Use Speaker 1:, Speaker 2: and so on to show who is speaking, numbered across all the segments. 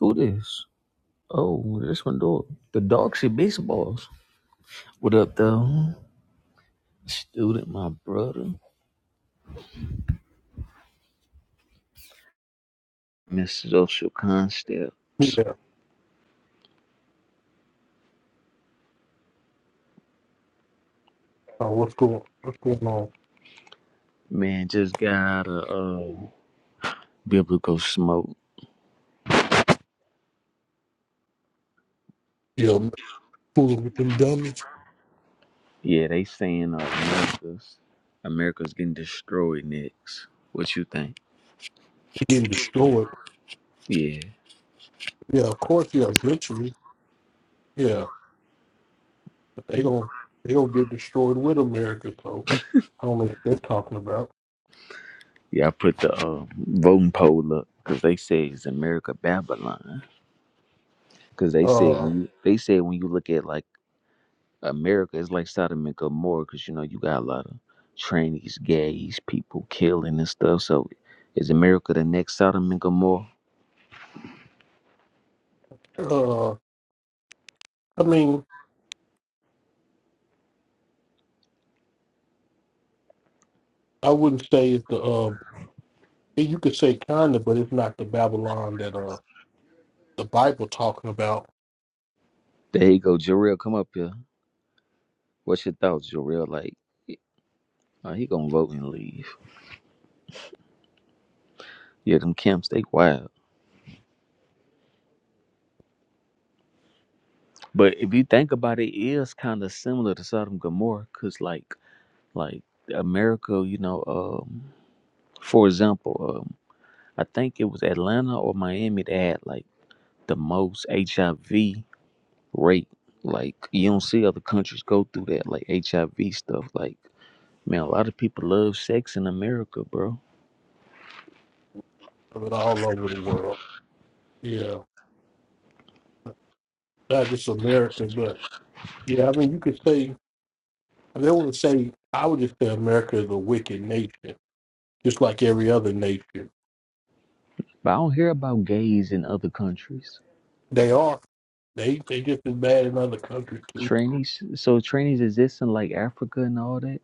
Speaker 1: Who this? Oh, this one dog. The dog shit baseballs. What up though? Student, my brother. Mr. Social Concepts.
Speaker 2: Yeah. Oh, what's going what's going on?
Speaker 1: Man, just got out of uh biblical smoke.
Speaker 2: Yeah, man, fooling with them dummies.
Speaker 1: Yeah, they saying uh, America's America's getting destroyed next. What you think?
Speaker 2: They getting destroyed.
Speaker 1: Yeah.
Speaker 2: Yeah, of course, yeah, eventually. Yeah. But they don't they don't get destroyed with America, so I don't know what they're talking about.
Speaker 1: Yeah, I put the uh, voting poll up because they say it's America Babylon. Because they said
Speaker 2: Uh
Speaker 1: when you, they said when you look at like America is like Sodom and Gomorrah because you know you got a lot of trannies, gays, people killing and stuff. So is America the next Sodom and Gomorrah?
Speaker 2: uh I mean, I wouldn't say it's the uh you could say kinda, but it's not the Babylon that uh the Bible talking about
Speaker 1: There you go, Jarrell. Come up here. What's your thoughts, Jarrell? Like, uh, he gonna vote and leave. Yeah, them camps they wild. But if you think about it, it is kind of similar to Sodom and Gomorrah because like like America, you know, um, for example, um, I think it was Atlanta or Miami that had like the most HIV rape. Like you don't see other countries go through that, like HIV stuff. Like man, a lot of people love sex in America, bro.
Speaker 2: of it all over the world. Yeah. Not just America, but yeah, I mean you could say I don't want to say I would just say America is a wicked nation just like every other nation.
Speaker 1: But I don't hear about gays in other countries.
Speaker 2: They are. They they just as bad in other countries too.
Speaker 1: Trainees, so trainees exist in like Africa and all that.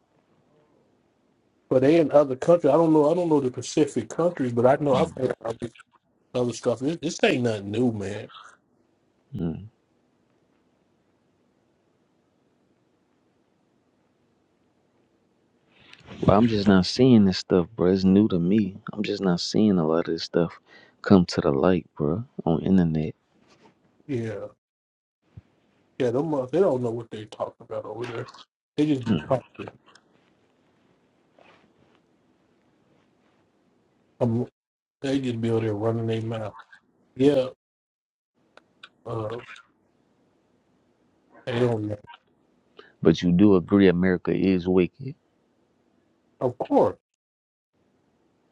Speaker 2: But they in other countries. I don't know. I don't know the Pacific countries, but I know I've
Speaker 1: Mm.
Speaker 2: heard about this other stuff. This, this ain't nothing new, man.
Speaker 1: Mm. But I'm just not seeing this stuff, bro. It's new to me. I'm just not seeing a lot of this stuff come to the light, bro, on internet.
Speaker 2: Yeah, yeah. Them mother- they don't know what they talking about over there. They just be
Speaker 1: Mm.
Speaker 2: talking. Um, they just be over there running their mouth. Yeah, uh, they don't know.
Speaker 1: But you do agree America is wicked.
Speaker 2: Of course,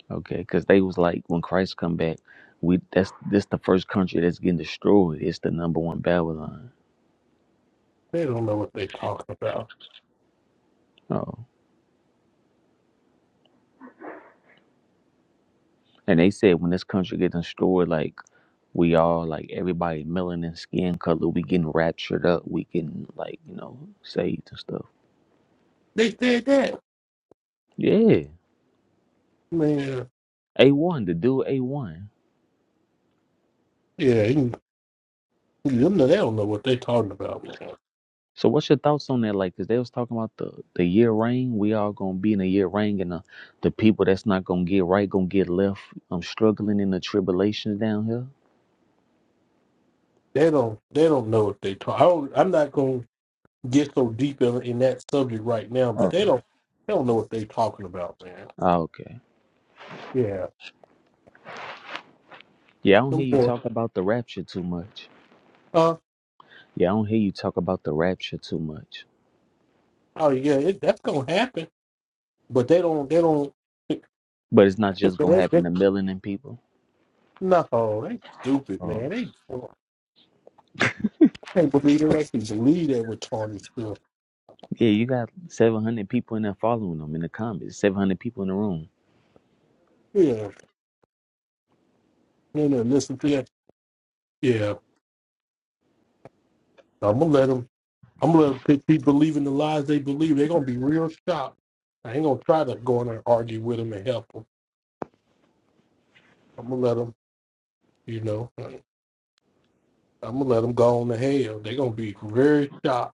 Speaker 1: Okay, because they was like, when Christ come back, we that's this the first country that's getting destroyed. It's the number one Babylon.
Speaker 2: they don't know what they talking about.
Speaker 1: Oh, and they said when this country gets destroyed, like we all like everybody melanin skin color, we getting raptured up, we getting like you know saved and stuff.
Speaker 2: They said that,
Speaker 1: Yeah,
Speaker 2: man.
Speaker 1: a one the dude a one.
Speaker 2: Yeah, you- you know, they don't know what they talking about, man.
Speaker 1: So what's your thoughts on that? Like, cause they was talking about the the year reign. We all gonna be in a year reign, and the, the people that's not gonna get right gonna get left. I'm struggling in the tribulations down here.
Speaker 2: they don't they don't know if they talk. I don't, I'm not going to get so deep in, in that subject right now, but they don't they don't know what they talking about, man.
Speaker 1: Oh, okay.
Speaker 2: Yeah,
Speaker 1: Yeah, I don't
Speaker 2: them
Speaker 1: hear you
Speaker 2: boy.
Speaker 1: talk about the rapture too much.
Speaker 2: Uh,
Speaker 1: Yeah, I don't hear you talk about the rapture too much.
Speaker 2: oh yeah, it, that's gonna happen, but they don't they don't. man,
Speaker 1: But it's not just gonna
Speaker 2: that's,
Speaker 1: happen
Speaker 2: that's,
Speaker 1: to million people.
Speaker 2: no, they stupid,
Speaker 1: Oh,
Speaker 2: man. They I can't believe they actually believe that retarded stuff.
Speaker 1: yeah, you got seven hundred people in there following them in the comments. Seven hundred people in the room.
Speaker 2: Yeah, no, no, listen to that. Yeah, I'm gonna let them. I'm gonna let them keep believing the lies they believe. They're gonna be real shocked. I ain't gonna try to go in there and argue with them and help 'em. I'm gonna let them, you know, I'm gonna let them go on to hell. They gonna be very shocked.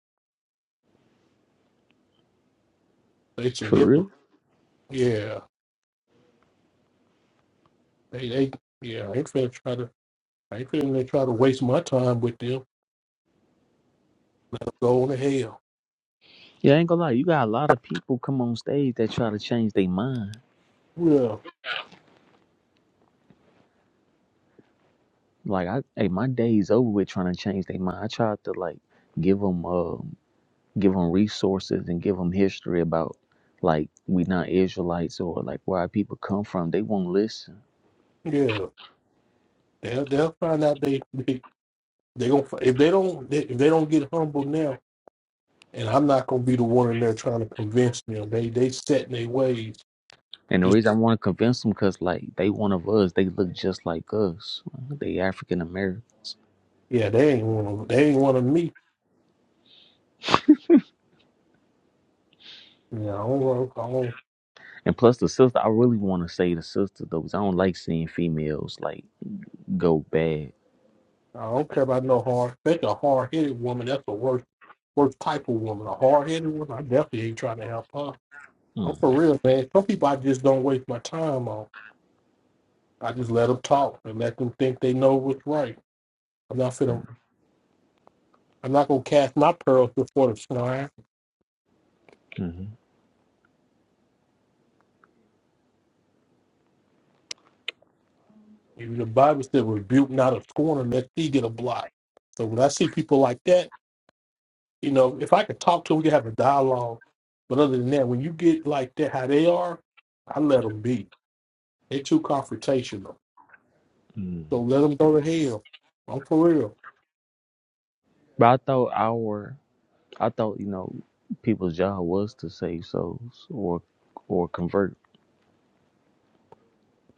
Speaker 2: They some
Speaker 1: For
Speaker 2: hypocrites.
Speaker 1: real?
Speaker 2: Yeah, they, they, yeah. I ain't finna try to, I ain't finna try to waste my time with them. Go on to hell.
Speaker 1: Yeah, I ain't gonna lie. You got a lot of people come on stage that try to change their mind.
Speaker 2: Yeah,
Speaker 1: Like I, hey, my day's over with trying to change their mind. I tried to like give them, uh, give them resources and give them history about like we not Israelites or like where our people come from. They won't listen
Speaker 2: yeah. They'll, they'll find out they, they, they gonna fi- if they don't, they, if they don't get humble now. And I'm not gonna be the one in there trying to convince them. They, they set in their ways.
Speaker 1: And the
Speaker 2: Just
Speaker 1: reason I want to convince them because like they one of us, they look just like us. They African Americans.
Speaker 2: yeah, they ain't one of, they ain't one of me. Yeah, I don't, know.
Speaker 1: And plus the sister, I really want to say the sister though, 'cause I don't like seeing females like go bad.
Speaker 2: I don't care about no hard, especially a hard headed woman. That's the worst, worst type of woman. A hard headed woman, I definitely ain't trying to help her. I'm for
Speaker 1: Mm,
Speaker 2: real, man. Some people I just don't waste my time on. I just let them talk and let them think they know what's right. I'm not finna, I'm not gonna cast my pearls before the swine.
Speaker 1: mhm,
Speaker 2: Even the Bible said, "Rebuke not a scorner, let thee get a blot." So when I see people like that, you know, if I could talk to them, we could have a dialogue. But other than that, when you get like that, how they are, I let them be. They're too confrontational.
Speaker 1: mm.
Speaker 2: So let them go to hell. I'm for real.
Speaker 1: But I thought our, I thought you know, people's job was to save souls or or convert.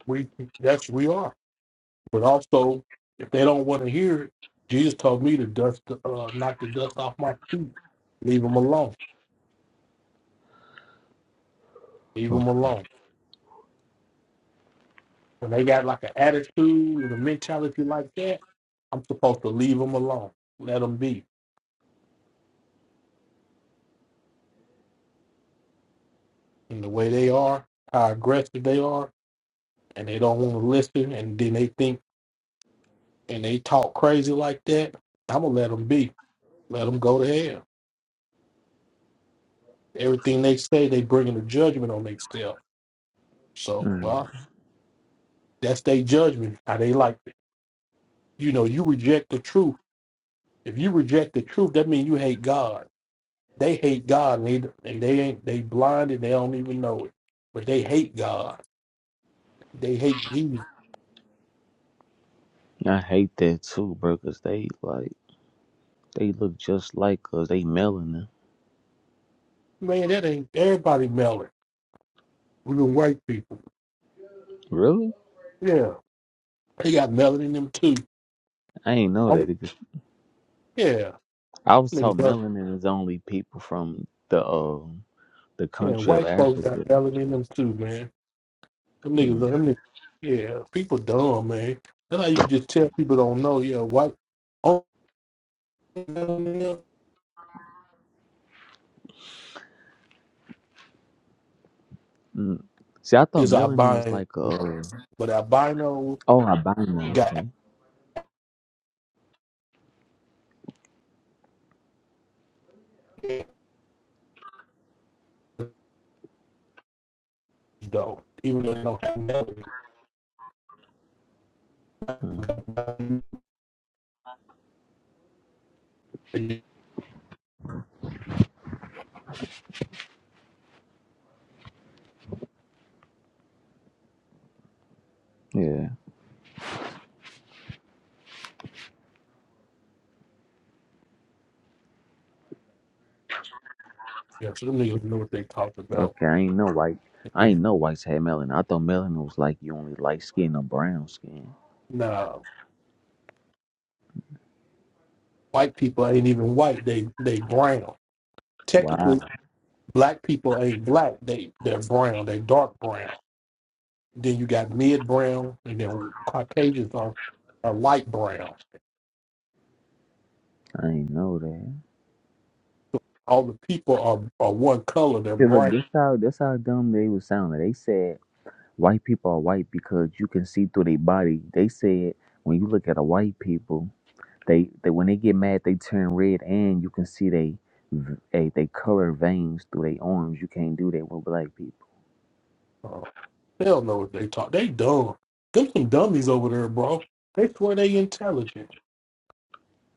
Speaker 2: We that's we are. But also, if they don't want to hear it, Jesus told me to dust, uh, knock the dust off my feet. Leave them alone. Leave
Speaker 1: Oh.
Speaker 2: them alone. When they got like an attitude and a mentality like that, I'm supposed to leave them alone. Let them be in the way they are, how aggressive they are, and they don't want to listen, and then they think and they talk crazy like that. I'm gonna let them be. Let them go to hell. Everything they say, they bringing a judgment on themselves. So,
Speaker 1: Mm.
Speaker 2: well, that's their judgment, how they like it. You know, you reject the truth. If you reject the truth, that means you hate God. They hate God, and they, and they ain't they blind and they don't even know it. But they hate God. They hate Jesus.
Speaker 1: I hate that too, bro, 'cause they like they look just like us. They melanin.
Speaker 2: Man, that ain't everybody melon. Even white people.
Speaker 1: Really?
Speaker 2: Yeah, they got melon in them too.
Speaker 1: I ain't know
Speaker 2: Oh,
Speaker 1: that.
Speaker 2: yeah,
Speaker 1: I was told
Speaker 2: niggas. are-
Speaker 1: melanin is only people from the uh, the
Speaker 2: Yeah,
Speaker 1: country of
Speaker 2: white folks got
Speaker 1: Africa.
Speaker 2: melon in them too, man. Them niggas,
Speaker 1: Mm.
Speaker 2: them niggas, yeah, people dumb, man. That's how you can just tell people don't know. Yeah, white only know
Speaker 1: Mm. See, I thought
Speaker 2: is
Speaker 1: melanin was
Speaker 2: albino,
Speaker 1: like a uh,
Speaker 2: but albino
Speaker 1: oh albino.
Speaker 2: got
Speaker 1: Okay,
Speaker 2: edge, though, even though they don't have melody.
Speaker 1: mm. yeah,
Speaker 2: Yeah, so them niggas know what they talking about.
Speaker 1: okay. I ain't know white. I ain't
Speaker 2: And,
Speaker 1: know whites had melanin. I thought melanin was like you only light skin or brown skin.
Speaker 2: nah, white people ain't even white. They they brown.
Speaker 1: Wow,
Speaker 2: Technically, black people ain't black. They they're brown. They dark brown. Then you got mid brown, and then Caucasians are, are light brown.
Speaker 1: I ain't know that.
Speaker 2: all the people are, are one color. They're
Speaker 1: See, look,
Speaker 2: bright.
Speaker 1: that's how that's how dumb they was sounding. They said white people are white because you can see through their body. They said when you look at a white people. They they when they get mad, they turn red, and you can see they v- they, they color veins through their arms. You can't do that with black people.
Speaker 2: Uh, they don't know what they talk. They dumb. Them some dummies over there, bro. They swear they intelligent.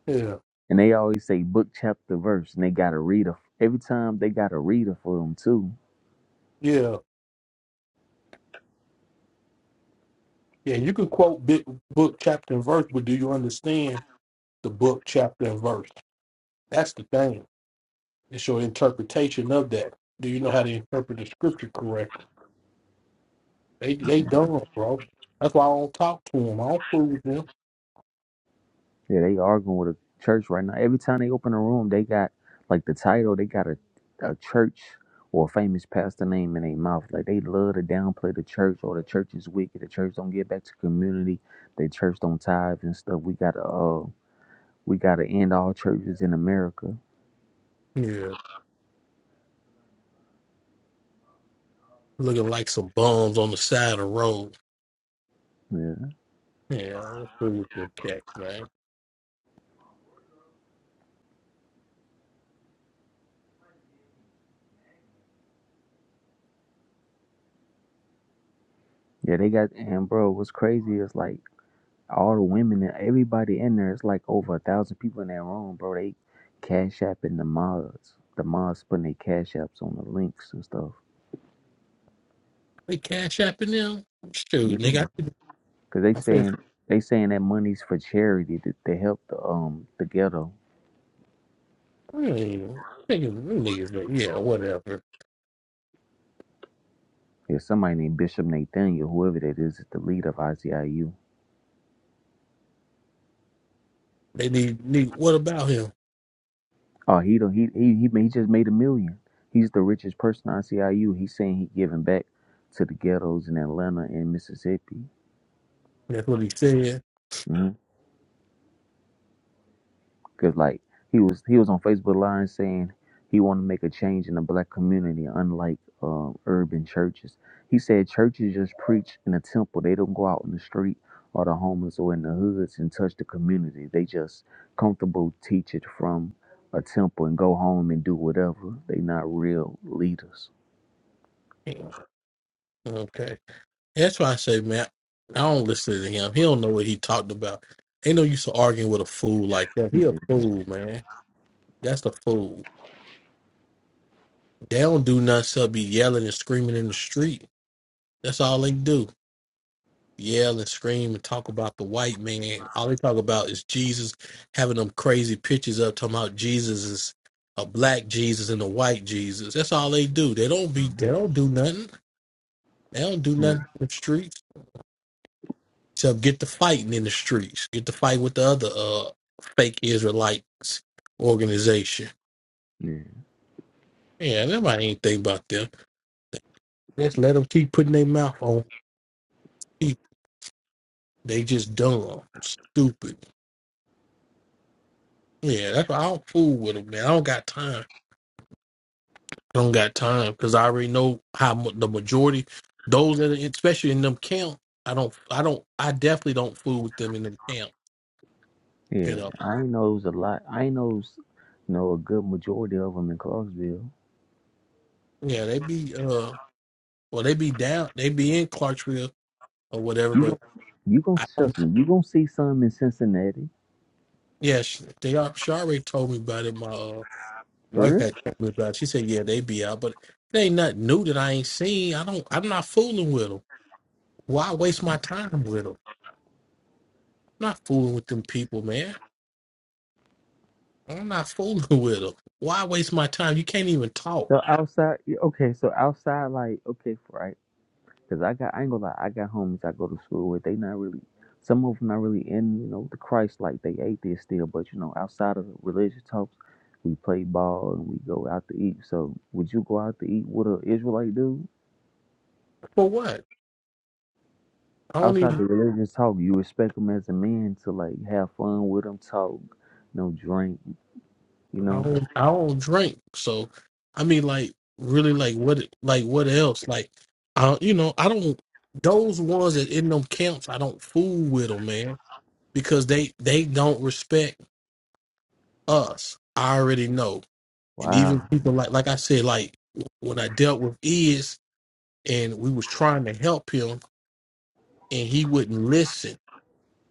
Speaker 2: Yeah,
Speaker 1: And they always say book chapter verse, and they got a reader every time. They got a reader for them too.
Speaker 2: yeah, yeah. You can quote big book, chapter, and verse, but do you understand the book, chapter, and verse? That's the thing. It's your interpretation of that. Do you know how to interpret the scripture correctly? They they dumb, bro. That's why I don't talk to them. I don't fool with them.
Speaker 1: Yeah, they arguing with a church right now. Every time they open a room, they got like the title. They got a a church or a famous pastor name in their mouth. Like they love to downplay the church or the church is wicked. The church don't get back to community. The church don't tithe and stuff. We got to uh We gotta end all churches in America.
Speaker 2: Yeah, looking like some bums on the side of the road.
Speaker 1: Yeah,
Speaker 2: Yeah, I don't fool with them cats, man.
Speaker 1: yeah, they got and bro, what's crazy is like all the women and everybody in there. It's like over a thousand people in that room, bro. They cash apping the mods. The mods putting their cash apps on the links and stuff.
Speaker 2: They cash apping them. Shoot,
Speaker 1: Yeah.
Speaker 2: nigga, I
Speaker 1: Cause they
Speaker 2: I feel
Speaker 1: saying they saying that money's for charity to, to help the um the ghetto.
Speaker 2: really niggas, them niggas, but yeah, whatever.
Speaker 1: There's somebody named Bishop Nathaniel, whoever that is, is the leader of ICIU.
Speaker 2: They need need. What about him?
Speaker 1: Oh, he don't. He he he, ma- he just made a million. He's the richest person I on CIU. He's saying he giving back to the ghettos in Atlanta and Mississippi.
Speaker 2: That's what he said.
Speaker 1: Because like he was he was on Facebook Live saying he want to make a change in the black community, unlike um, urban churches. He said churches just preach in the temple. They don't go out in the street or the homeless or in the hoods and touch the community. They just comfortable teach it from a temple and go home and do whatever. They not real leaders.
Speaker 2: Okay, that's why I say, man, I don't listen to him. He don't know what he talked about. Ain't no use of arguing with a fool like that. He a fool, man. That's a fool. They don't do nothing but be yelling and screaming in the street. That's all they do. yell and scream and talk about the white man. All they talk about is Jesus having them crazy pictures up talking about Jesus is a black Jesus and a white Jesus. That's all they do. They don't be they don't do nothing. They don't do nothing in the streets. Except get to fighting in the streets. Get to fight with the other uh fake Israelites organization.
Speaker 1: Yeah.
Speaker 2: Yeah, nobody ain't think about them. Just let them keep putting their mouth on people. They just dumb, stupid. Yeah, that's why I don't fool with them, man. I don't got time. I don't got time because I already know how mu- the majority, those that are, especially in them camp, I don't, I don't, I definitely don't fool with them in the camp. You
Speaker 1: Yeah,
Speaker 2: know,
Speaker 1: I knows a lot. I knows know a good majority of them in Clarksville.
Speaker 2: yeah, they be, uh, well, they be down, they be in Clarksville or whatever,
Speaker 1: You
Speaker 2: but
Speaker 1: gon' you gon'
Speaker 2: I don't.
Speaker 1: trust me. You gonna see some in Cincinnati
Speaker 2: Yeah, she, they are. She already told me about it. My uh,
Speaker 1: for
Speaker 2: wife
Speaker 1: real.
Speaker 2: had told me about. It. She said, yeah, they be out, but it ain't nothing new that I ain't seen. I don't. I'm not fooling with them. Why waste my time with them? I'm not fooling with them people, man. I'm not fooling with them. Why waste my time? You can't even talk.
Speaker 1: So outside, yeah, okay. So outside, like okay, for right? Because I got I ain't gonna lie. I got homies I go to school with. They not really. Some of them not really in you know the Christ like they atheists still. But you know outside of the religious talks, we play ball and we go out to eat. So would you go out to eat with an Israelite dude?
Speaker 2: For what? I don't
Speaker 1: Outside
Speaker 2: even
Speaker 1: the religious talk, you respect them as a man to like have fun with them, talk, no drink, you
Speaker 2: I
Speaker 1: know.
Speaker 2: don't I don't drink. So I mean like really like what like what else? Like I you know, I don't those ones that in them camps, I don't fool with them, man, because they they don't respect us. I already know. And even
Speaker 1: Wow,
Speaker 2: people like like I said like when I dealt with Iz and we was trying to help him and he wouldn't listen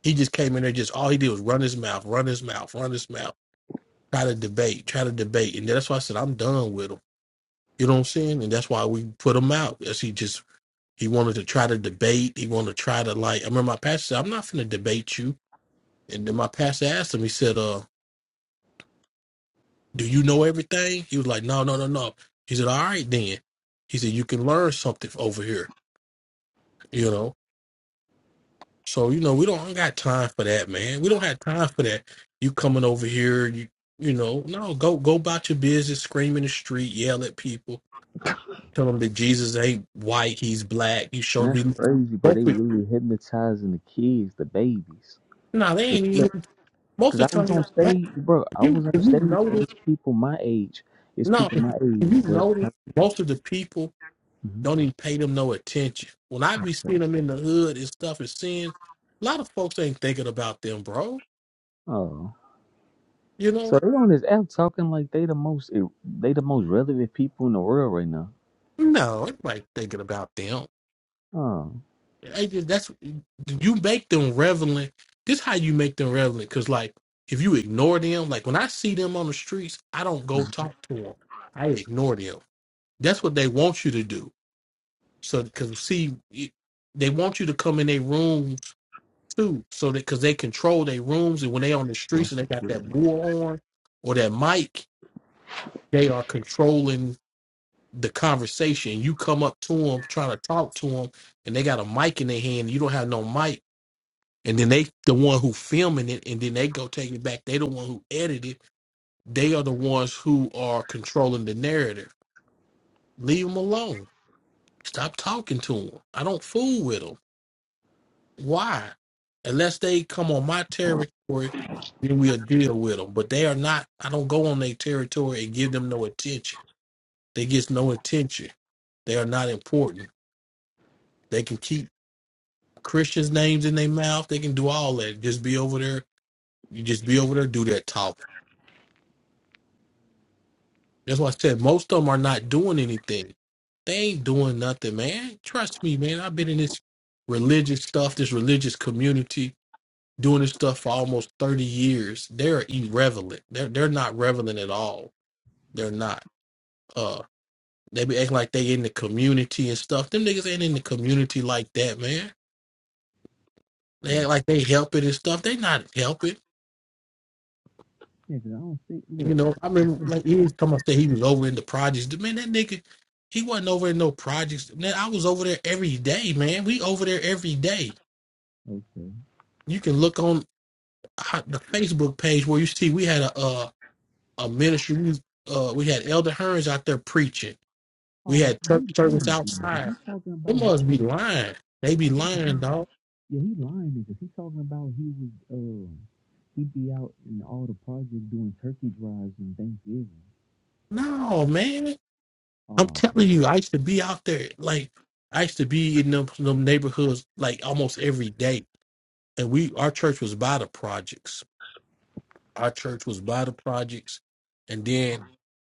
Speaker 2: He just came in there, just all he did was run his mouth, run his mouth, run his mouth, try to debate, try to debate. And that's why I said, I'm done with him. You know what I'm saying? And that's why we put him out. As he just, he wanted to try to debate. He wanted to try to, like, I remember my pastor said, I'm not finna debate you. And then my pastor asked him, he said, uh, Do you know everything? He was like, No, no, no, no. He said, All right, then. He said, You can learn something over here, you know? So you know, we don't got time for that, man. We don't have time for that. You coming over here, you you know, no, go go about your business, scream in the street, yell at people, tell them that Jesus ain't white, he's black. You
Speaker 1: and
Speaker 2: showed
Speaker 1: that's
Speaker 2: me
Speaker 1: crazy, bro.
Speaker 2: both.
Speaker 1: They
Speaker 2: of-
Speaker 1: really hypnotizing the kids, the babies.
Speaker 2: Nah, they ain't even. Most
Speaker 1: Cause
Speaker 2: of
Speaker 1: I
Speaker 2: the
Speaker 1: was
Speaker 2: time,
Speaker 1: on
Speaker 2: like,
Speaker 1: stage, bro. I
Speaker 2: you
Speaker 1: was on
Speaker 2: if you
Speaker 1: stage, and
Speaker 2: notice,
Speaker 1: it's people my age. It's
Speaker 2: no,
Speaker 1: people
Speaker 2: if
Speaker 1: my age,
Speaker 2: you
Speaker 1: bro.
Speaker 2: notice, most of the people
Speaker 1: hmm
Speaker 2: don't even pay them no attention. When I be seeing them in the hood and stuff and seeing, a lot of folks ain't thinking about them, bro.
Speaker 1: Oh,
Speaker 2: You
Speaker 1: so
Speaker 2: know,
Speaker 1: they on this app talking like they the most eh, they the most relevant people in the world right now.
Speaker 2: no, everybody thinking about them
Speaker 1: Oh,
Speaker 2: Like that's you make them relevant. This how you make them relevant. Cause like if you ignore them, like when I see them on the streets, I don't go talk to them. I ignore them. That's what they want you to do. So cause see, it- they want you to come in their rooms too. So that cause they control their rooms, and when they on the streets and they got that bull on or that mic, they are controlling the conversation. You come up to them trying to talk to them, and they got a mic in their hand. You don't have no mic and then they the one who filming it and then they go take it back they the one who edit it they are the ones who are controlling the narrative leave them alone stop talking to them i don't fool with them why unless they come on my territory then we'll deal with them but they are not i don't go on their territory and give them no attention they get no attention they are not important they can keep christians names in their mouth they can do all that just be over there you just be over there do that talk That's why I said most of them are not doing anything. They ain't doing nothing, man. Trust me, man. I've been in this religious stuff, this religious community, doing this stuff for almost thirty years. They're irrelevant. They're they're not relevant at all. They're not. Uh, they be acting like they in the community and stuff. Them niggas ain't in the community like that, man. They
Speaker 1: yeah,
Speaker 2: act like they helping and stuff. They not helping.
Speaker 1: 'cause I don't think.
Speaker 2: You
Speaker 1: Look,
Speaker 2: know, I remember like he was come up there, he was over in the projects. The Man, that nigga, he wasn't over in no projects. Man, I was over there every day, man. We over there every day.
Speaker 1: okay.
Speaker 2: You can look on uh, the Facebook page where you see we had a uh, a ministry. We, uh, we had Elder Hearns out there preaching. We
Speaker 1: Oh,
Speaker 2: had
Speaker 1: he lying
Speaker 2: church service
Speaker 1: because
Speaker 2: outside.
Speaker 1: he's talking
Speaker 2: They
Speaker 1: about.
Speaker 2: must be lying. They be lying, dog.
Speaker 1: Yeah, he lying because he's talking about he was um he'd be out in all the projects doing turkey drives and Thanksgiving.
Speaker 2: No, man. I'm
Speaker 1: Oh
Speaker 2: telling you,
Speaker 1: man,
Speaker 2: I used to be out there. Like I used to be in them, them neighborhoods like almost every day and we our church was by the projects. Our church was by the projects, and then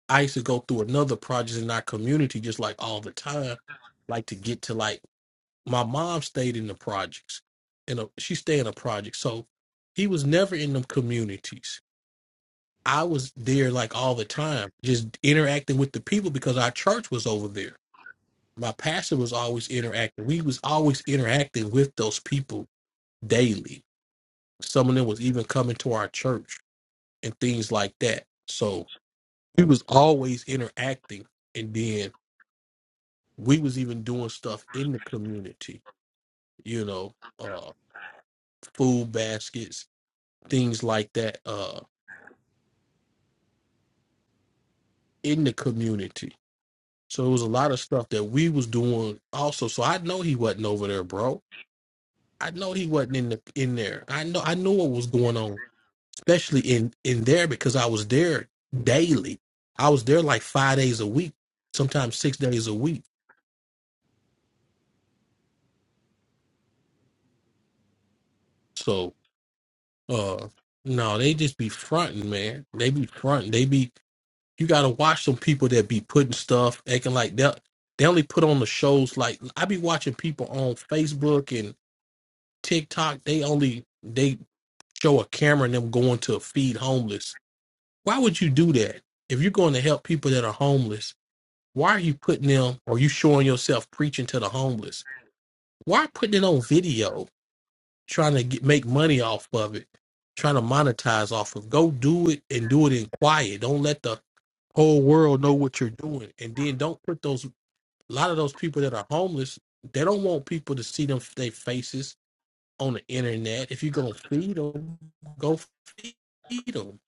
Speaker 2: I used to go through another project in our community just like all the time, like to get to like my mom stayed in the projects, and uh, she stayed in a project, so he was never in them communities. I was there like all the time, just interacting with the people because our church was over there. My pastor was always interacting. We was always interacting with those people daily. Some of them was even coming to our church and things like that. So we was always interacting, and then we was even doing stuff in the community, you know, uh, food baskets, things like that, uh, in the community. So it was a lot of stuff that we was doing also. So I know he wasn't over there, bro. I know he wasn't in the in there. I know I knew what was going on, especially in in there because I was there daily. I was there like five days a week, sometimes six days a week. So Uh, no, they just be fronting, man. They be fronting. They be you gotta watch some people that be putting stuff, acting like that. They only put on the shows like I be watching people on Facebook and TikTok. They only they show a camera and them going to feed homeless. Why would you do that? If you're going to help people that are homeless, why are you putting them or you showing yourself preaching to the homeless? Why putting it on video? trying to get, make money off of it, trying to monetize off of. Go do it and do it in quiet. Don't let the whole world know what you're doing. And then don't put those a lot of those people that are homeless. They don't want people to see them their faces on the internet. If you're gonna feed them, go feed them.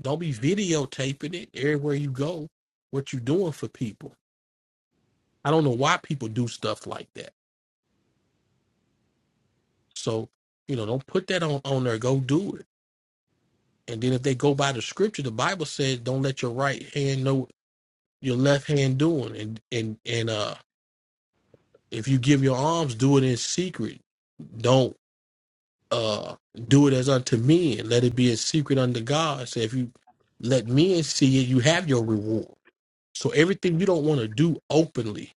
Speaker 2: Don't be videotaping it everywhere you go. What you doing for people? I don't know why people do stuff like that. So you know, don't put that on on there. Go do it And then if they go by the scripture, the Bible said, "Don't let your right hand know your left hand doing." And and and uh, if you give your alms, do it in secret. Don't uh do it as unto men. Let it be a secret unto God. So if you let men see it, you have your reward. So everything you don't want to do openly,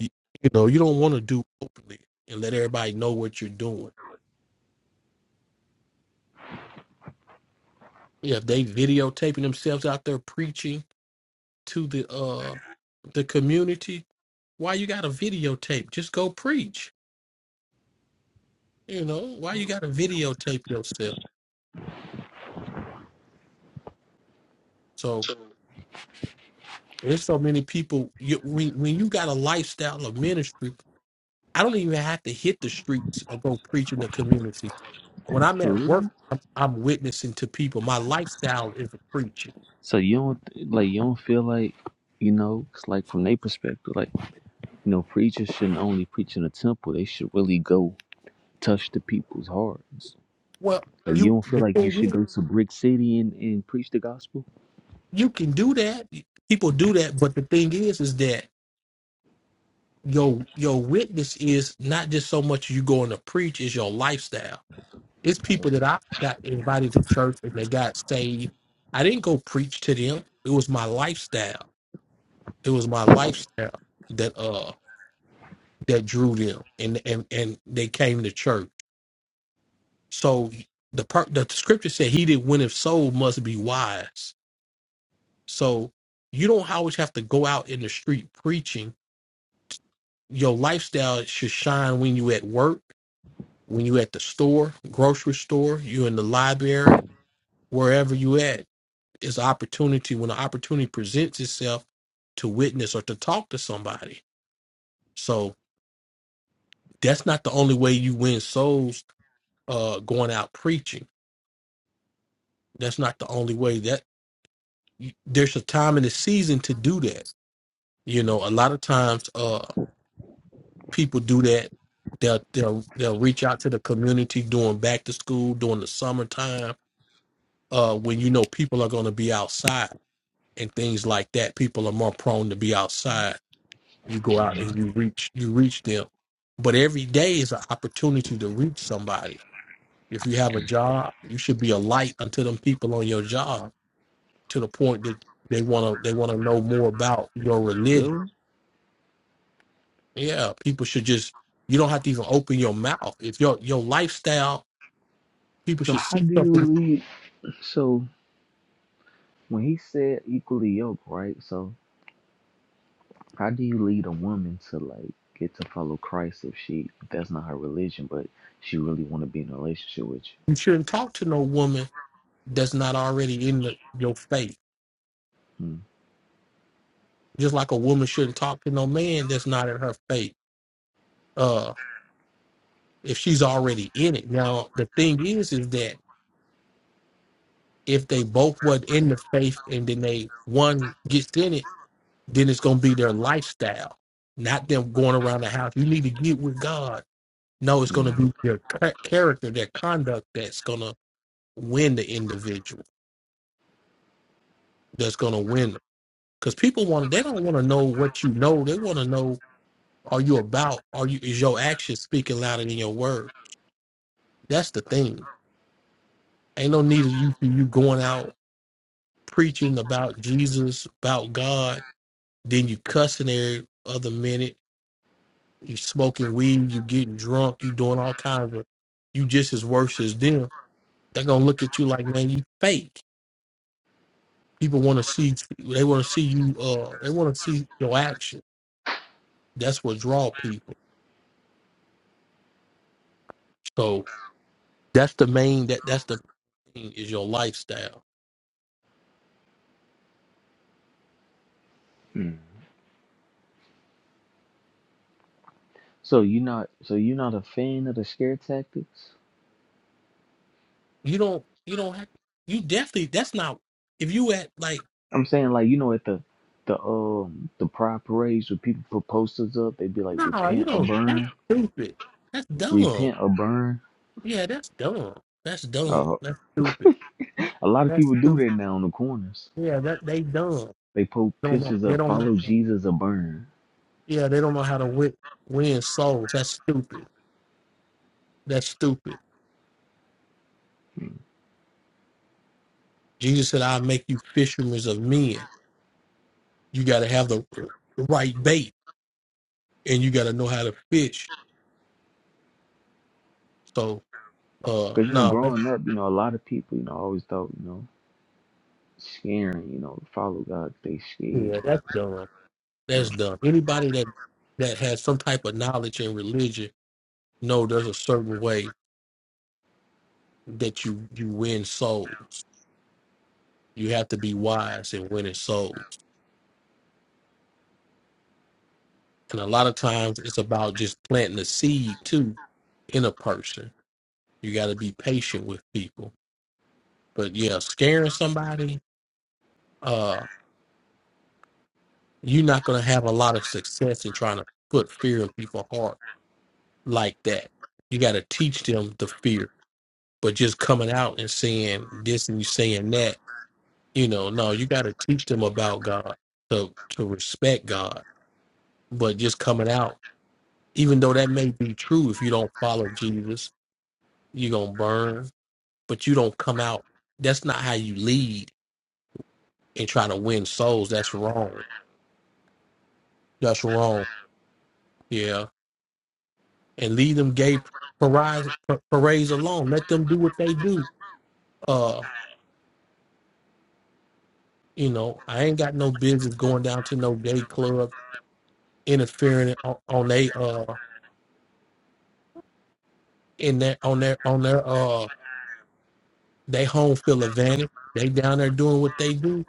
Speaker 2: you, you know, you don't want to do openly and let everybody know what you're doing. Yeah, if they videotaping themselves out there preaching to the uh the community, Why you gotta videotape? Just go preach. You know, why you gotta videotape yourself? So there's so many people. You, when, when you got a lifestyle of ministry, I don't even have to hit the streets or go preach in the community. When I'm
Speaker 1: For
Speaker 2: at work,
Speaker 1: real?
Speaker 2: I'm, I'm witnessing to people. My lifestyle is preaching.
Speaker 1: So you don't like you don't feel like you know, 'cause, like from their perspective, like you know, preachers shouldn't only preach in a temple. They should really go touch the people's hearts.
Speaker 2: Well,
Speaker 1: Like you
Speaker 2: you
Speaker 1: don't feel
Speaker 2: the
Speaker 1: like you
Speaker 2: thing
Speaker 1: should
Speaker 2: is,
Speaker 1: go to Brick City and, and preach the gospel?
Speaker 2: you can do that. People do that, but the thing is, is that your your witness is not just so much you going to preach is your lifestyle It's people that I got invited to church and they got saved. I didn't go preach to them. It was my lifestyle. It was my lifestyle that uh that drew them and and and they came to church. So the part the scripture said he that winneth soul must be wise. So you don't always have to go out in the street preaching. Your lifestyle should shine when you at work, when you at the store, grocery store, you in the library, wherever you at is opportunity when an opportunity presents itself to witness or to talk to somebody. So that's not the only way you win souls uh going out preaching. That's not the only way that there's a time and a season to do that. You know, a lot of times uh people do that. They'll they'll they'll reach out to the community during back to school, during the summertime, uh when you know people are gonna be outside and things like that. People are more prone to be outside you go out and
Speaker 1: Mhm.
Speaker 2: you reach you reach them but every day is an opportunity to reach somebody if you have a job you should be a light unto them people on your job to the point that they want to they want to know more about your religion
Speaker 1: Really?
Speaker 2: yeah people should just you don't have to even open your mouth if your your lifestyle people
Speaker 1: So
Speaker 2: should
Speaker 1: how
Speaker 2: see
Speaker 1: do you
Speaker 2: something
Speaker 1: lead? So when he said equally yoked, right? So how do you lead a woman to like get to follow Christ if she if that's not her religion, but she really want to be in a relationship with you?
Speaker 2: you shouldn't talk to no woman that's not already in the, your faith
Speaker 1: Mm,
Speaker 2: just like a woman shouldn't talk to no man that's not in her faith Uh. if she's already in it. Now the thing is is that if they both were in the faith and then they one gets in it, then it's gonna be their lifestyle, not them going around the house. You need to get with God. No, it's gonna
Speaker 1: mm,
Speaker 2: be their cha- character, their conduct that's gonna win the individual. That's gonna win them. Because people want to. they don't want to know what you know. They want to know are you about? Are you is your action speaking louder than your word? That's the thing. Ain't no need of you you going out preaching about Jesus, about God, then you cussing every other minute, you smoking weed, you getting drunk, you doing all kinds of you just as worse as them. They're gonna look at you like, man, you fake. People wanna see they wanna see you uh they wanna see your action. That's what draw people. So that's the main that that's the thing is your lifestyle.
Speaker 1: mm. So you not so you not a fan of the scare tactics?
Speaker 2: You don't you don't have you definitely that's not if you at like
Speaker 1: I'm saying like you know at the the um the pride parades where people put posters up, they be like
Speaker 2: nah, you
Speaker 1: repent or
Speaker 2: know that's
Speaker 1: burn,
Speaker 2: stupid. That's dumb
Speaker 1: repent or burn.
Speaker 2: Yeah, that's dumb. That's dumb.
Speaker 1: Uh,
Speaker 2: That's stupid.
Speaker 1: a lot of
Speaker 2: That's
Speaker 1: people do
Speaker 2: stupid.
Speaker 1: that now on the corners.
Speaker 2: Yeah, that they dumb.
Speaker 1: They put
Speaker 2: They don't know.
Speaker 1: pictures
Speaker 2: They
Speaker 1: of
Speaker 2: don't know.
Speaker 1: follow Jesus or burn.
Speaker 2: Yeah, they don't know how to win, win souls. That's stupid. That's stupid.
Speaker 1: Mm.
Speaker 2: Jesus said, "I'll make you fishermen of men." You got to have the right bait, and you got to know how to fish. So, uh,
Speaker 1: Because, you know,
Speaker 2: no, that's,
Speaker 1: growing up, you know, a lot of people, you know, always thought, you know, scaring, you know, follow God, they scared.
Speaker 2: yeah, that's dumb.
Speaker 1: Oh,
Speaker 2: That's dumb. Anybody that that has some type of knowledge in religion know there's a certain way that you you win souls. You have to be wise in winning souls. And a lot of times it's about just planting a seed too in a person. You got to be patient with people. But yeah, scaring somebody, uh, you're not going to have a lot of success in trying to put fear in people's heart like that. You got to teach them the fear. But just coming out and saying this and you saying that, you know, no, you got to teach them about God to to respect God. But just coming out Even though that may be true, if you don't follow Jesus, you're gonna burn, but you don't come out. That's not how you lead and try to win souls. That's wrong. That's wrong. Yeah. And leave them gay parades, parades alone. Let them do what they do. Uh, you know, I ain't got no business going down to no gay club, interfering on, on they uh in their on their on their uh they home field advantage. They down there doing what they do.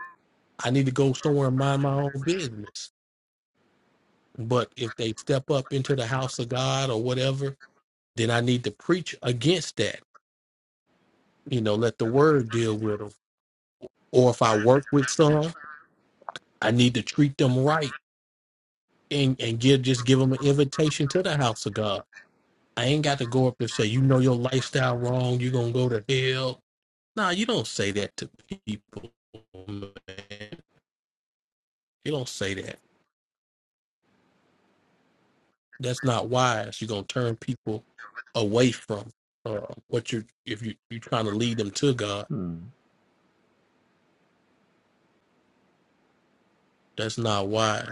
Speaker 2: I need to go somewhere and mind my own business. But if they step up into the house of God or whatever, then I need to preach against that. You know, let the word deal with them. Or if I work with some, I need to treat them right and, and give just give them an invitation to the house of God. I ain't got to go up there and say, you know your lifestyle wrong, you're gonna go to hell. Nah, you don't say that to people, man. You don't say that. That's not wise. You're gonna turn people away from uh, what you're if you, you're trying to lead them to God
Speaker 1: hmm,
Speaker 2: That's not why.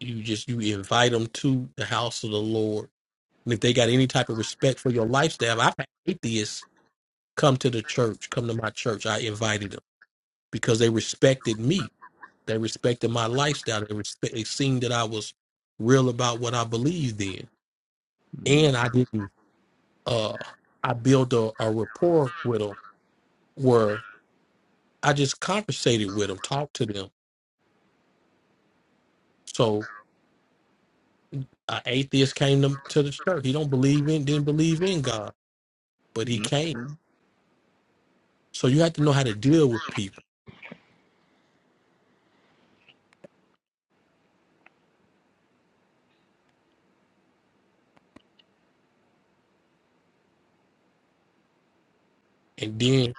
Speaker 2: You just you invite them to the house of the Lord. And if they got any type of respect for your lifestyle, I've had atheists come to the church, come to my church. I invited them because they respected me. They respected my lifestyle. They respect they seen that I was real about what I believed in.
Speaker 1: hmm,
Speaker 2: And I didn't uh I built a, a rapport with them where I just conversated with them, talked to them. So an atheist came to, to the church. He don't believe in, didn't believe in God but he
Speaker 1: hmm,
Speaker 2: came.
Speaker 1: okay,
Speaker 2: So you have to know how to deal with people, and then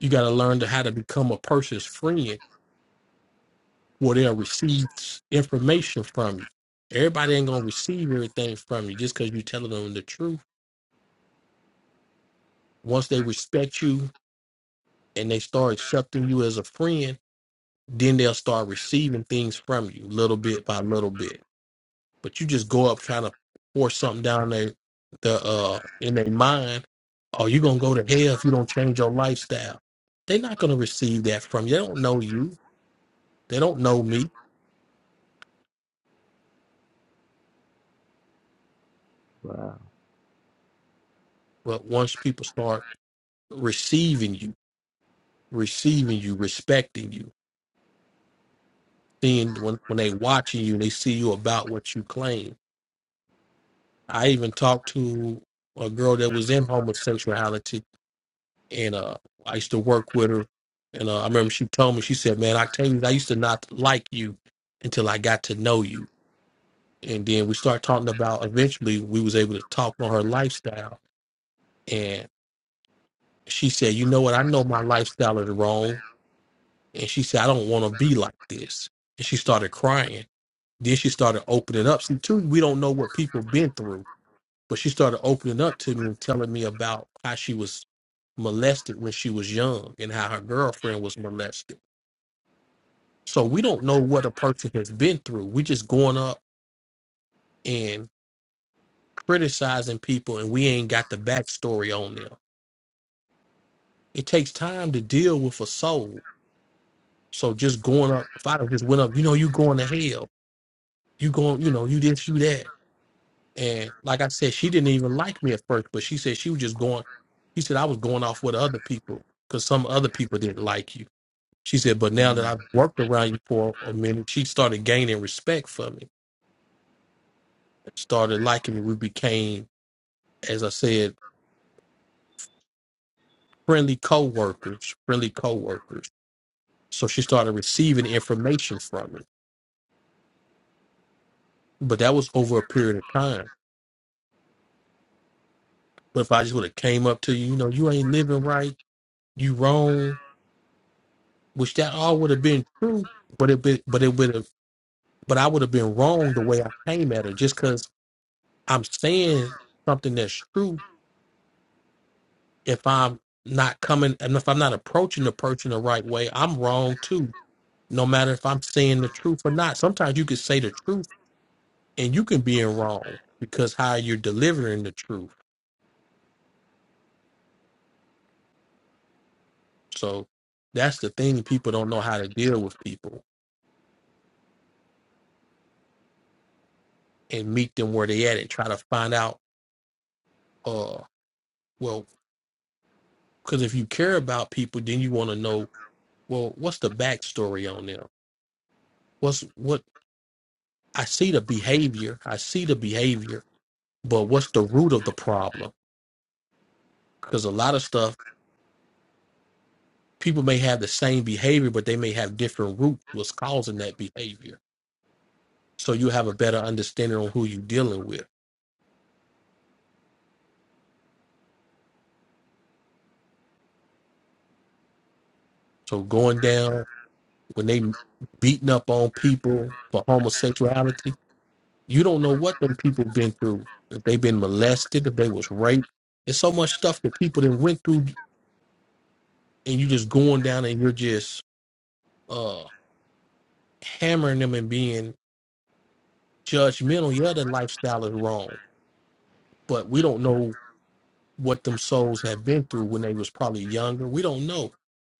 Speaker 2: you got to learn to how to become a person's friend, where they'll receive information from you. Everybody ain't gonna receive everything from you just because you're telling them the truth. Once they respect you and they start accepting you as a friend, then they'll start receiving things from you little bit by little bit But you just go up trying to force something down their the uh in their mind, oh, you're gonna go to hell if you don't change your lifestyle. They're not gonna receive that from you. They don't know you. They don't know me.
Speaker 1: Wow.
Speaker 2: But once people start receiving you, receiving you, respecting you, seeing when when they watching you, they see you about what you claim. I even talked to a girl that was in homosexuality and uh, I used to work with her. And uh, I remember she told me, she said, "Man, I tell you, I used to not like you until I got to know you." And then we started talking about. Eventually, we was able to talk on her lifestyle, and she said, "You know what? I know my lifestyle is wrong." And she said, "I don't want to be like this." And she started crying. Then she started opening up. See, too, we don't know what people been through, but she started opening up to me and telling me about how she was molested when she was young and how her girlfriend was molested So we don't know what a person has been through. We're just going up and criticizing people, and we ain't got the backstory on them. It takes time to deal with a soul. So just going up, if I just went up, you know, you going to hell. You going, you know, you this, you that. And like I said, she didn't even like me at first, but she said she was just going. She said I was going off with other people because some other people didn't like you. She said, but now
Speaker 1: Mm.
Speaker 2: that I've worked around you for a minute, she started gaining respect for me, started liking me. We became as I said, friendly co-workers, friendly co-workers. So she started receiving information from me. But that was over a period of time. But if I just would have came up to you, you know, you ain't living right, you wrong, which that all would have been true, but it be, but it would have but I would have been wrong the way I came at her just because I'm saying something that's true. If I'm not coming and if I'm not approaching the person the right way, I'm wrong too. No matter if I'm saying the truth or not. Sometimes you could say the truth and you can be in wrong because how you're delivering the truth. So that's the thing people don't know how to deal with people and meet them where they at and try to find out uh well because if you care about people then you want to know well what's the backstory on them what's what I see the behavior I see the behavior but what's the root of the problem because a lot of stuff people may have the same behavior but they may have different roots what's causing that behavior so you have a better understanding on who you're dealing with So going down when they beating up on people for homosexuality, you don't know what them people been through. If they been molested, if they was raped, there's so much stuff that people that went through, and you just going down and you're just uh hammering them and being judgmental. Yeah, their lifestyle is wrong, but we don't know what them souls have been through when they was probably younger. We don't know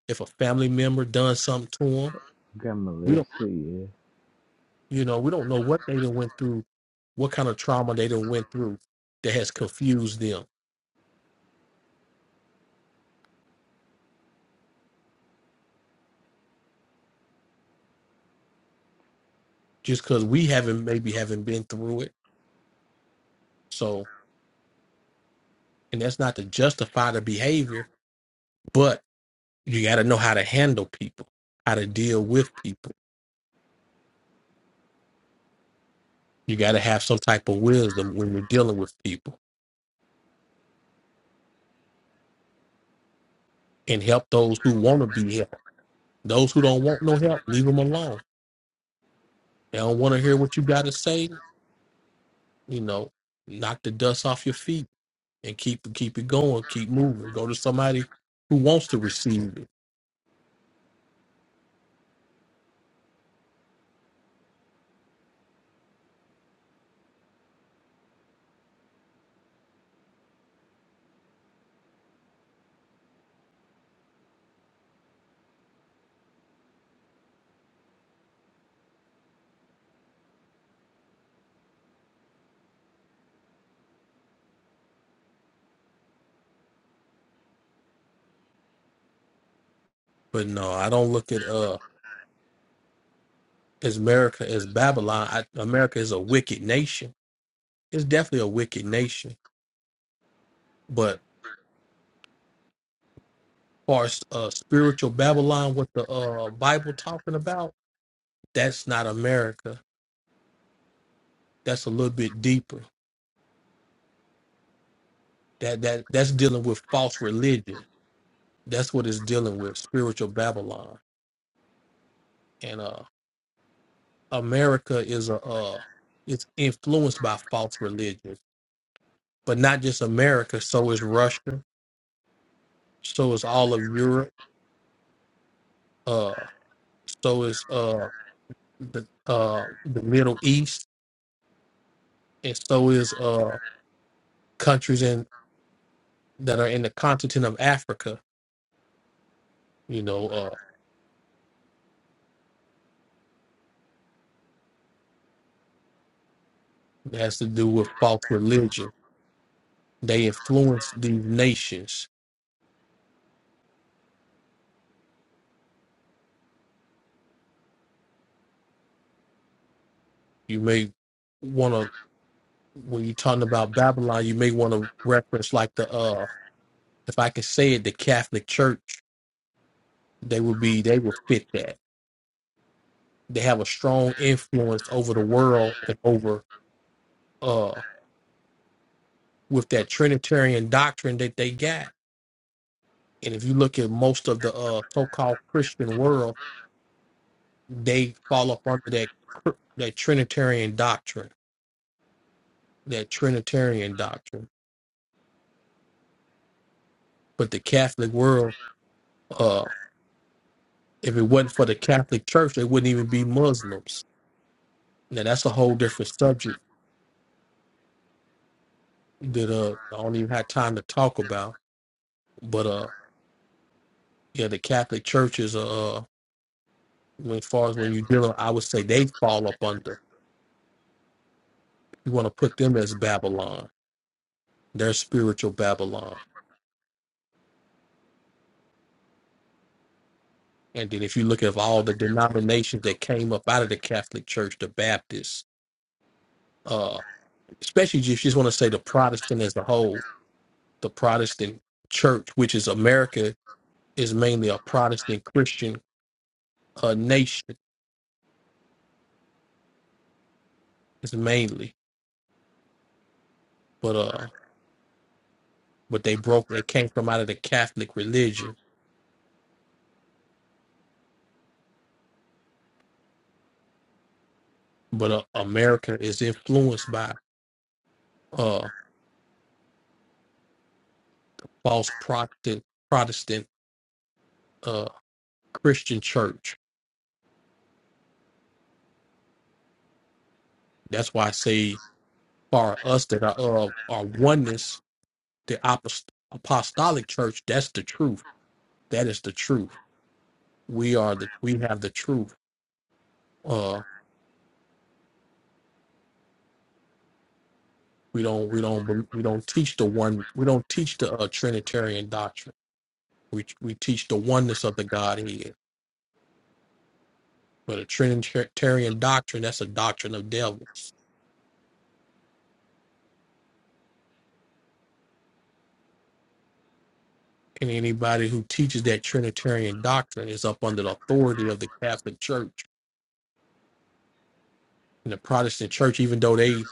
Speaker 2: if a family member done something to
Speaker 1: Got
Speaker 2: them.
Speaker 1: Melissa, yeah.
Speaker 2: You know, we don't know what they done went through, what kind of trauma they done went through that has confused them. Just because we haven't maybe haven't been through it. So, and that's not to justify the behavior, but you got to know how to handle people, how to deal with people. You got to have some type of wisdom when you're dealing with people and help those who want to be helped. Those who don't want no help, leave them alone. They don't want to hear what you got to say. You know, knock the dust off your feet and keep keep it going, keep moving. Go to somebody who wants to receive it. But no, I don't look at uh as America as Babylon. I, America is a wicked nation. It's definitely a wicked nation. But far as uh, spiritual Babylon, what the uh Bible talking about, that's not America. That's a little bit deeper. That that that's dealing with false religion. That's what it's dealing with, spiritual Babylon. And uh America is a uh it's influenced by false religion but not just America. So is Russia. So is all of Europe. Uh, so is uh, the uh, the Middle East, and so is uh, countries in that are in the continent of Africa. You know, uh, it has to do with false religion. They influence these nations. You may want to when you're talking about Babylon, you may want to reference like the uh, if I can say it, the Catholic Church. They would be they would fit that they have a strong influence over the world and over uh with that Trinitarian doctrine that they got. And if you look at most of the uh so-called Christian world, they fall up under that that Trinitarian doctrine, that Trinitarian doctrine. But the Catholic world, uh, if it wasn't for the Catholic Church, they wouldn't even be Muslims. Now that's a whole different subject that uh I don't even have time to talk about. But uh, yeah, the Catholic Church is a uh, when- as far as when you deal, with, I would say they fall up under. You want to put them as Babylon, their spiritual Babylon. And then if you look at all the denominations that came up out of the Catholic Church, the Baptists, uh, especially if you just want to say the Protestant as a whole, the Protestant Church, which is America, is mainly a Protestant Christian uh, nation, is mainly. But uh, but they broke, they came from out of the Catholic religion. But uh, America is influenced by it. false Protestant Protestant uh, Christian church. That's why I say for us that are uh, are oneness, the apost- apostolic church. That's the truth. That is the truth. We are the we have the truth. Uh, we don't we don't bel- we don't teach the one we don't teach the uh, Trinitarian doctrine. We we teach the oneness of the Godhead. But a Trinitarian doctrine that's a doctrine of devils. and anybody who teaches that Trinitarian doctrine is up under the authority of the Catholic Church and the Protestant Church, even though they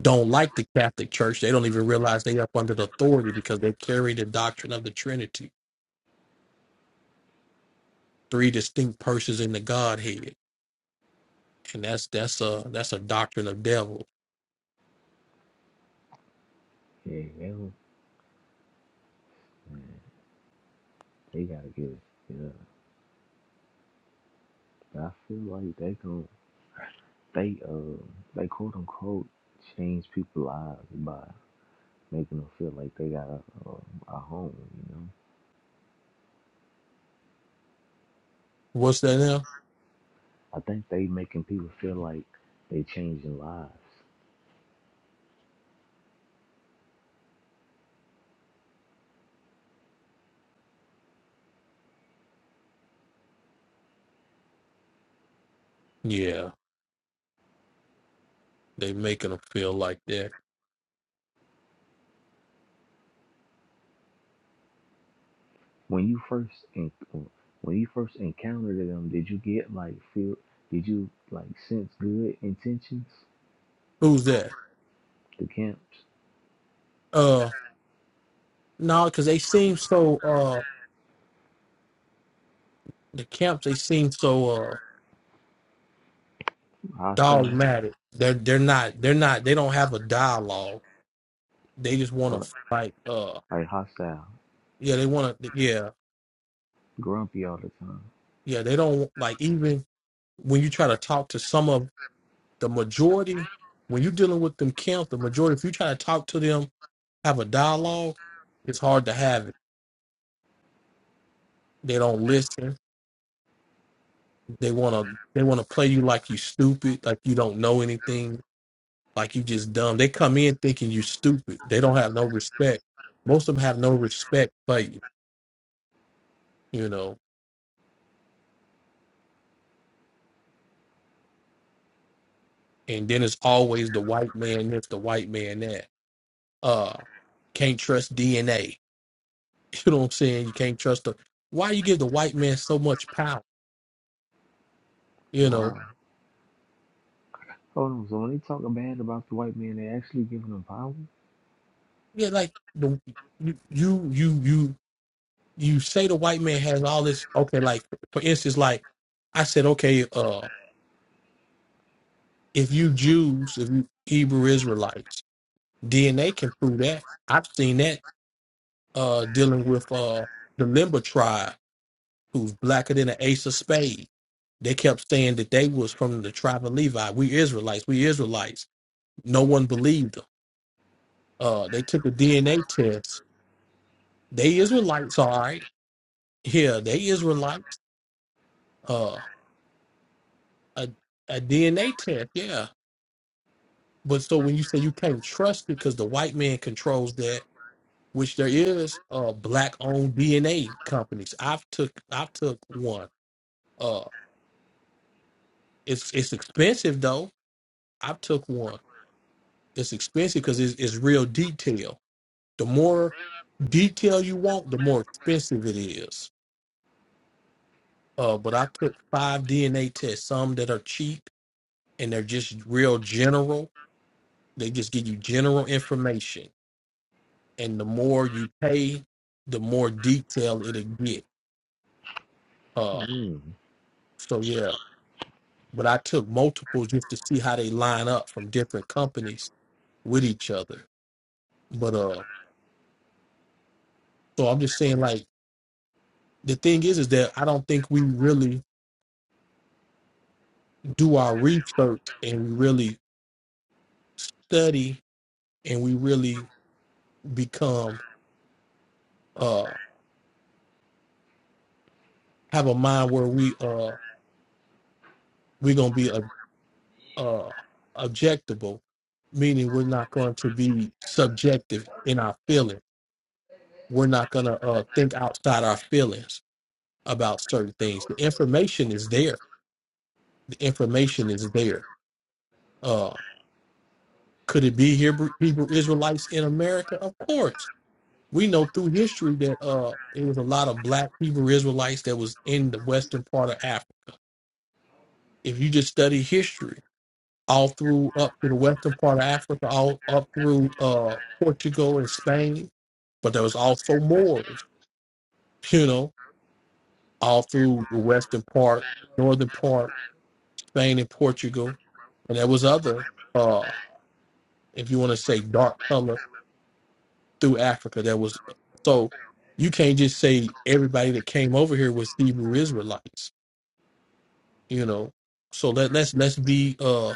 Speaker 2: don't like the Catholic Church, they don't even realize they are up under the authority because they carry the doctrine of the Trinity, three distinct persons in the Godhead, and that's that's a that's a doctrine of devil.
Speaker 1: Yeah, they, was- man, they gotta get it. Yeah. But I feel like they gon' they uh they quote unquote change people's lives by making them feel like they got a, a, a home, you know.
Speaker 2: What's that now?
Speaker 1: I think they making people feel like they changing lives.
Speaker 2: Yeah, they making them feel like that.
Speaker 1: when you first in, when you first encountered them, did you get like feel? Did you like sense good intentions?
Speaker 2: Who's that?
Speaker 1: The camps
Speaker 2: Uh, no, because they seem so uh the camps they seem so Uh.
Speaker 1: hostile,
Speaker 2: dogmatic. They're they're not they're not they don't have a dialogue. They just want
Speaker 1: or,
Speaker 2: to like uh
Speaker 1: like hostile,
Speaker 2: yeah they want to yeah
Speaker 1: grumpy all the time.
Speaker 2: yeah they don't like even when you try to talk to some of the majority when you're dealing with them camps the majority if you try to talk to them have a dialogue it's hard to have it. They don't listen. They want to they want to play you like you stupid like you don't know anything like you just dumb. They come in thinking you stupid. They don't have no respect. Most of them have no respect for you. You know and then it's always the white man this, the white man that. Uh, can't trust DNA. You know what I'm saying? You can't trust the. Why you give the white man so much power? You
Speaker 1: Wow.
Speaker 2: know,
Speaker 1: Hold on. So when they talk bad about the white man, they actually giving them power.
Speaker 2: yeah, like the you you you you you say the white man has all this. Okay, like for instance, like I said, okay, uh, if you Jews, if you Hebrew Israelites, DNA can prove that. I've seen that uh dealing with uh the Limba tribe who's blacker than an ace of spades. They kept saying that they was from the tribe of Levi. We Israelites. We Israelites. No one believed them. Uh, they took a DNA test. They Israelites, all right. Yeah, they Israelites. Uh, a, a DNA test, yeah. But so when you say you can't trust it because the white man controls that, which there is uh black-owned DNA companies. I've took I've took one. Uh, it's it's expensive though. I've took one It's expensive because it's, it's real detail. The more detail you want, the more expensive it is. Uh, but I took five DNA tests, some that are cheap and they're just real general. They just give you general information. And the more you pay, the more detail it'll get. Uh,
Speaker 1: Mm.
Speaker 2: so, yeah. But I took multiples just to see how they line up from different companies with each other. But uh, so I'm just saying, like, the thing is, is that I don't think we really do our research and we really study and we really become uh have a mind where we uh we're gonna be a uh objectable, meaning we're not going to be subjective in our feelings. We're not gonna uh think outside our feelings about certain things. The information is there. The information is there. Uh could it be Hebrew, Hebrew Israelites in America? Of course we know through history that uh it was a lot of black Hebrew Israelites that was in the western part of Africa. If you just study history, all through up to the western part of Africa, all up through uh Portugal and Spain, but there was also Moors, you know, all through the western part, northern part, Spain and Portugal. And there was other uh if you want to say dark color through Africa that was so you can't just say everybody that came over here was Hebrew Israelites you know so let, let's let's be uh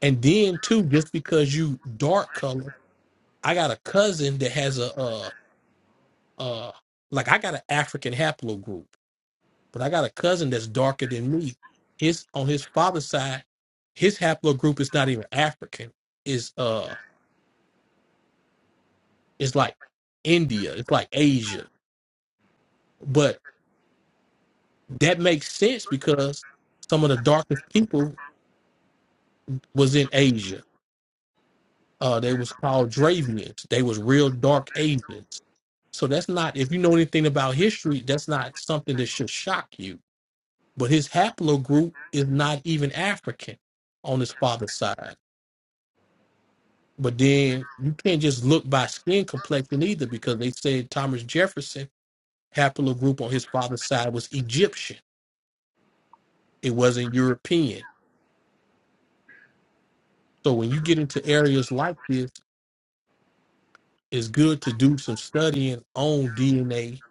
Speaker 2: and then too just because you dark color i got a cousin that has a uh uh like i got an african haplogroup but i got a cousin that's darker than me his on his father's side his haplogroup is not even african It's uh it's like india it's like asia but that makes sense because some of the darkest people was in asia uh they was called dravians they was real dark asians So that's not, if you know anything about history, that's not something that should shock you. But his haplogroup is not even African on his father's side. But then you can't just look by skin complexion either, because they said Thomas Jefferson haplogroup on his father's side was Egyptian. It wasn't European. So when you get into areas like this, it's good to do some studying on DNA,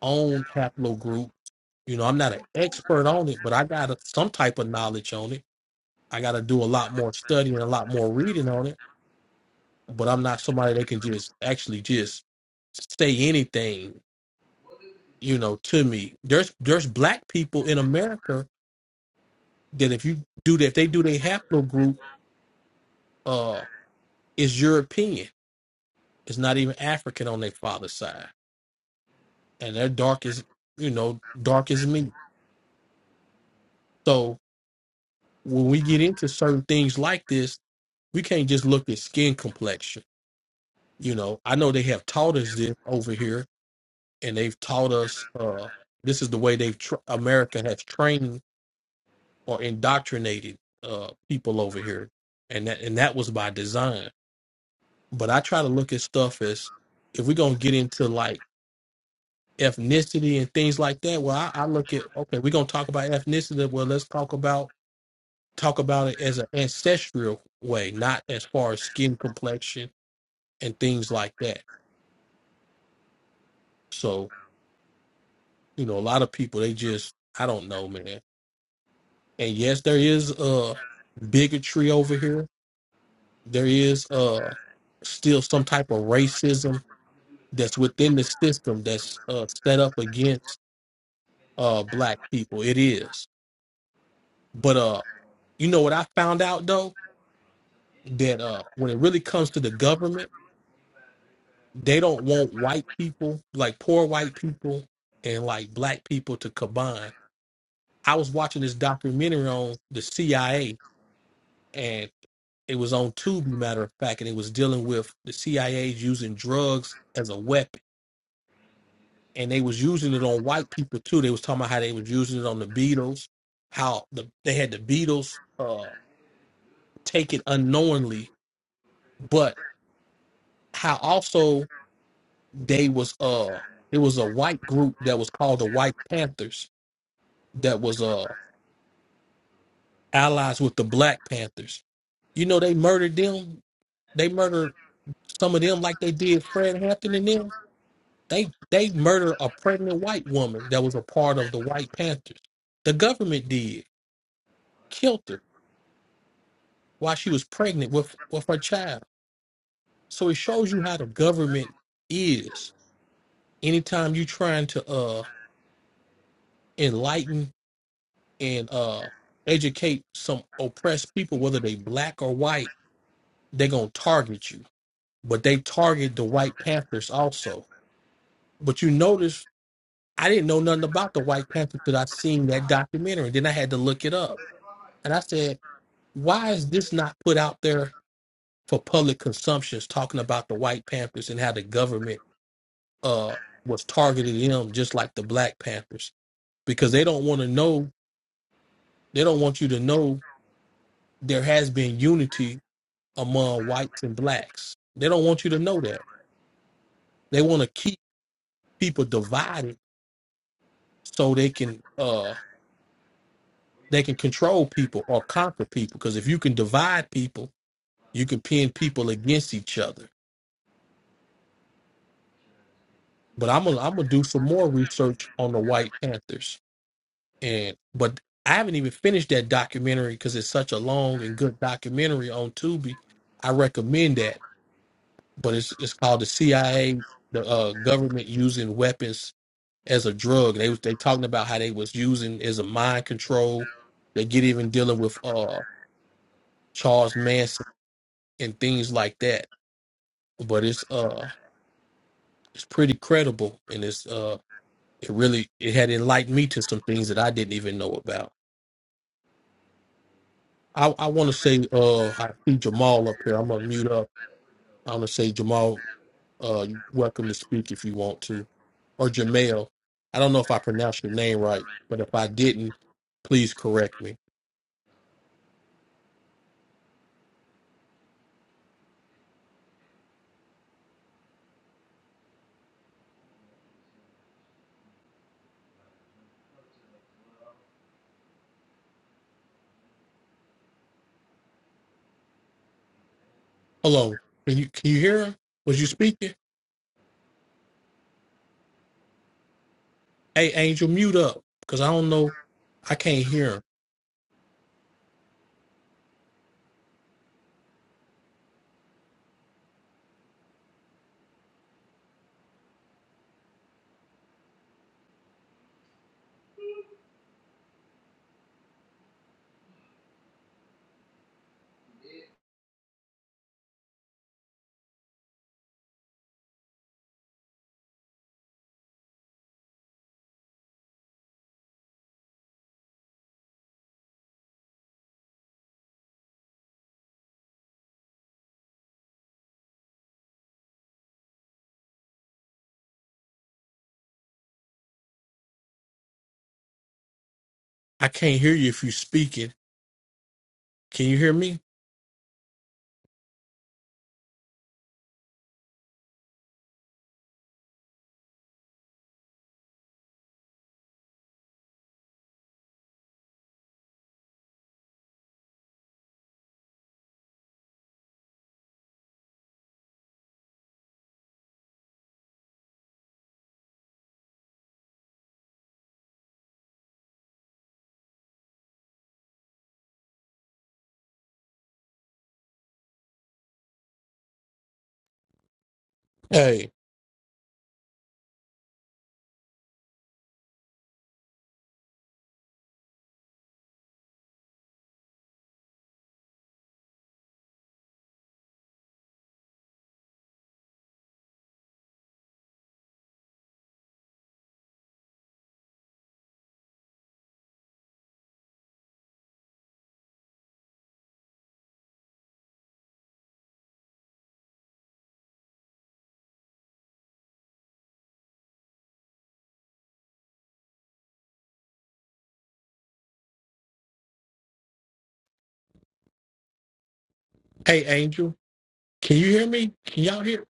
Speaker 2: on haplogroup. You know, I'm not an expert on it, but I got a, some type of knowledge on it I got to do a lot more studying and a lot more reading on it. But I'm not somebody that can just actually just say anything, you know, to me. There's there's black people in America that if you do that, if they do their haplogroup, uh, is European. It's not even African on their father's side, and they're dark as you know, dark as me. So when we get into certain things like this, we can't just look at skin complexion. You know, I know they have taught us this over here, and they've taught us uh, this is the way they've tr America has trained or indoctrinated uh, people over here, and that and that was by design. But I try to look at stuff as if we're gonna get into like ethnicity and things like that. Well, I, I look at okay, we're gonna talk about ethnicity. Well, let's talk about talk about it as an ancestral way, not as far as skin complexion and things like that. So you know, a lot of people they just I don't know, man And yes, there is uh bigotry over here. There is uh still some type of racism that's within the system that's uh set up against uh black people. It is. But uh you know what I found out though? That uh when it really comes to the government, they don't want white people, like poor white people and like black people to combine. I was watching this documentary on the CIA and it was on Tubi, matter of fact, and it was dealing with the CIA using drugs as a weapon, and they was using it on white people too. They was talking about how they was using it on the Beatles, how the they had the Beatles uh, take it unknowingly, but how also they was uh it was a white group that was called the White Panthers that was uh allies with the Black Panthers. You know they murdered them. They murdered some of them like they did Fred Hampton and them They they murdered a pregnant white woman that was a part of the White Panthers. The government did killed her while she was pregnant with with her child. So it shows you how the government is. Anytime you're trying to uh enlighten and uh educate some oppressed people, whether they black or white, they're gonna target you. But they target the White Panthers also. But you notice I didn't know nothing about the White Panthers till I seen that documentary. Then I had to look it up. And I said, why is this not put out there for public consumptions talking about the white panthers and how the government uh was targeting them just like the black panthers because they don't want to know they don't want you to know there has been unity among whites and blacks they don't want you to know that they want to keep people divided so they can uh they can control people or conquer people because if you can divide people you can pin people against each other But I'm gonna I'm gonna do some more research on the White Panthers. And but I haven't even finished that documentary because it's such a long and good documentary on Tubi. I recommend that. But it's it's called the CIA, the uh, government using weapons as a drug. They was- they talking about how they was using as a mind control. They get even dealing with uh Charles Manson and things like that. But it's uh it's pretty credible and it's uh It really it had enlightened me to some things that I didn't even know about. I, I want to say uh I see Jamal up here. I'm gonna mute up. I'm gonna say Jamal, uh, you're welcome to speak if you want to, or Jamel. I don't know if I pronounced your name right, but if I didn't, please correct me. Hello, can you can you hear him? Was you speaking? Hey, Angel, mute up, cause I don't know. I can't hear him. I can't hear you if you speaking. Can you hear me? Hey, hey, Angel, can you hear me? Can y'all hear?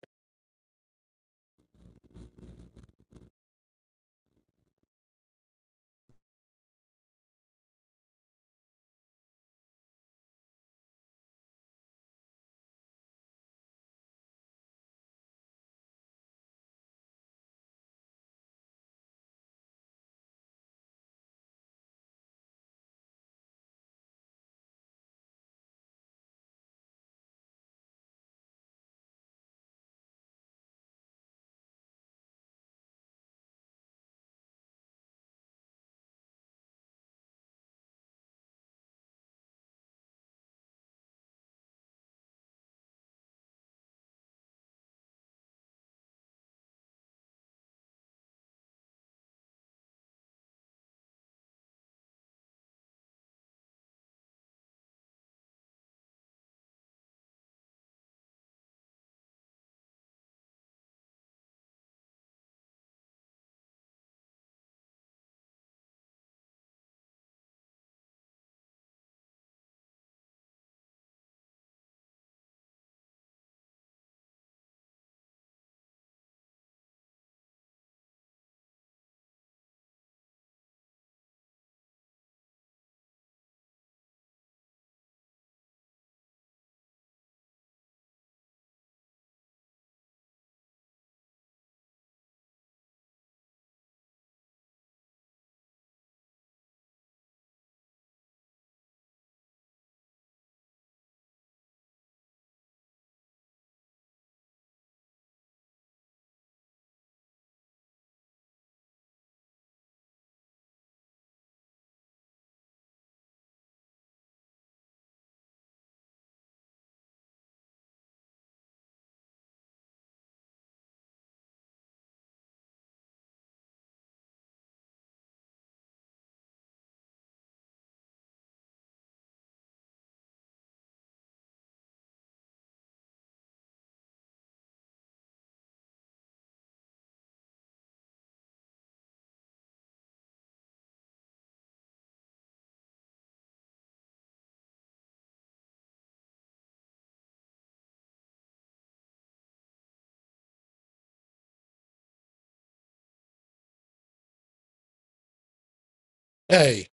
Speaker 2: Hey.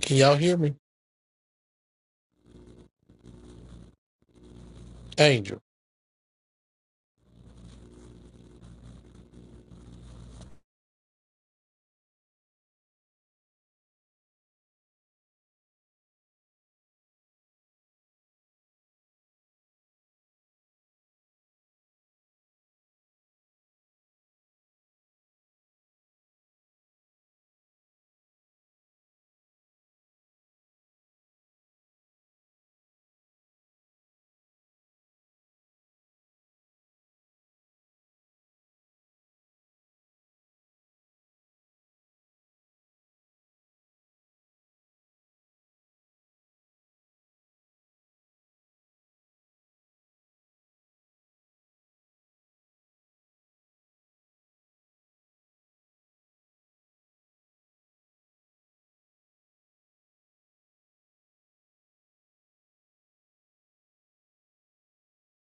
Speaker 2: Can y'all hear me? Angel.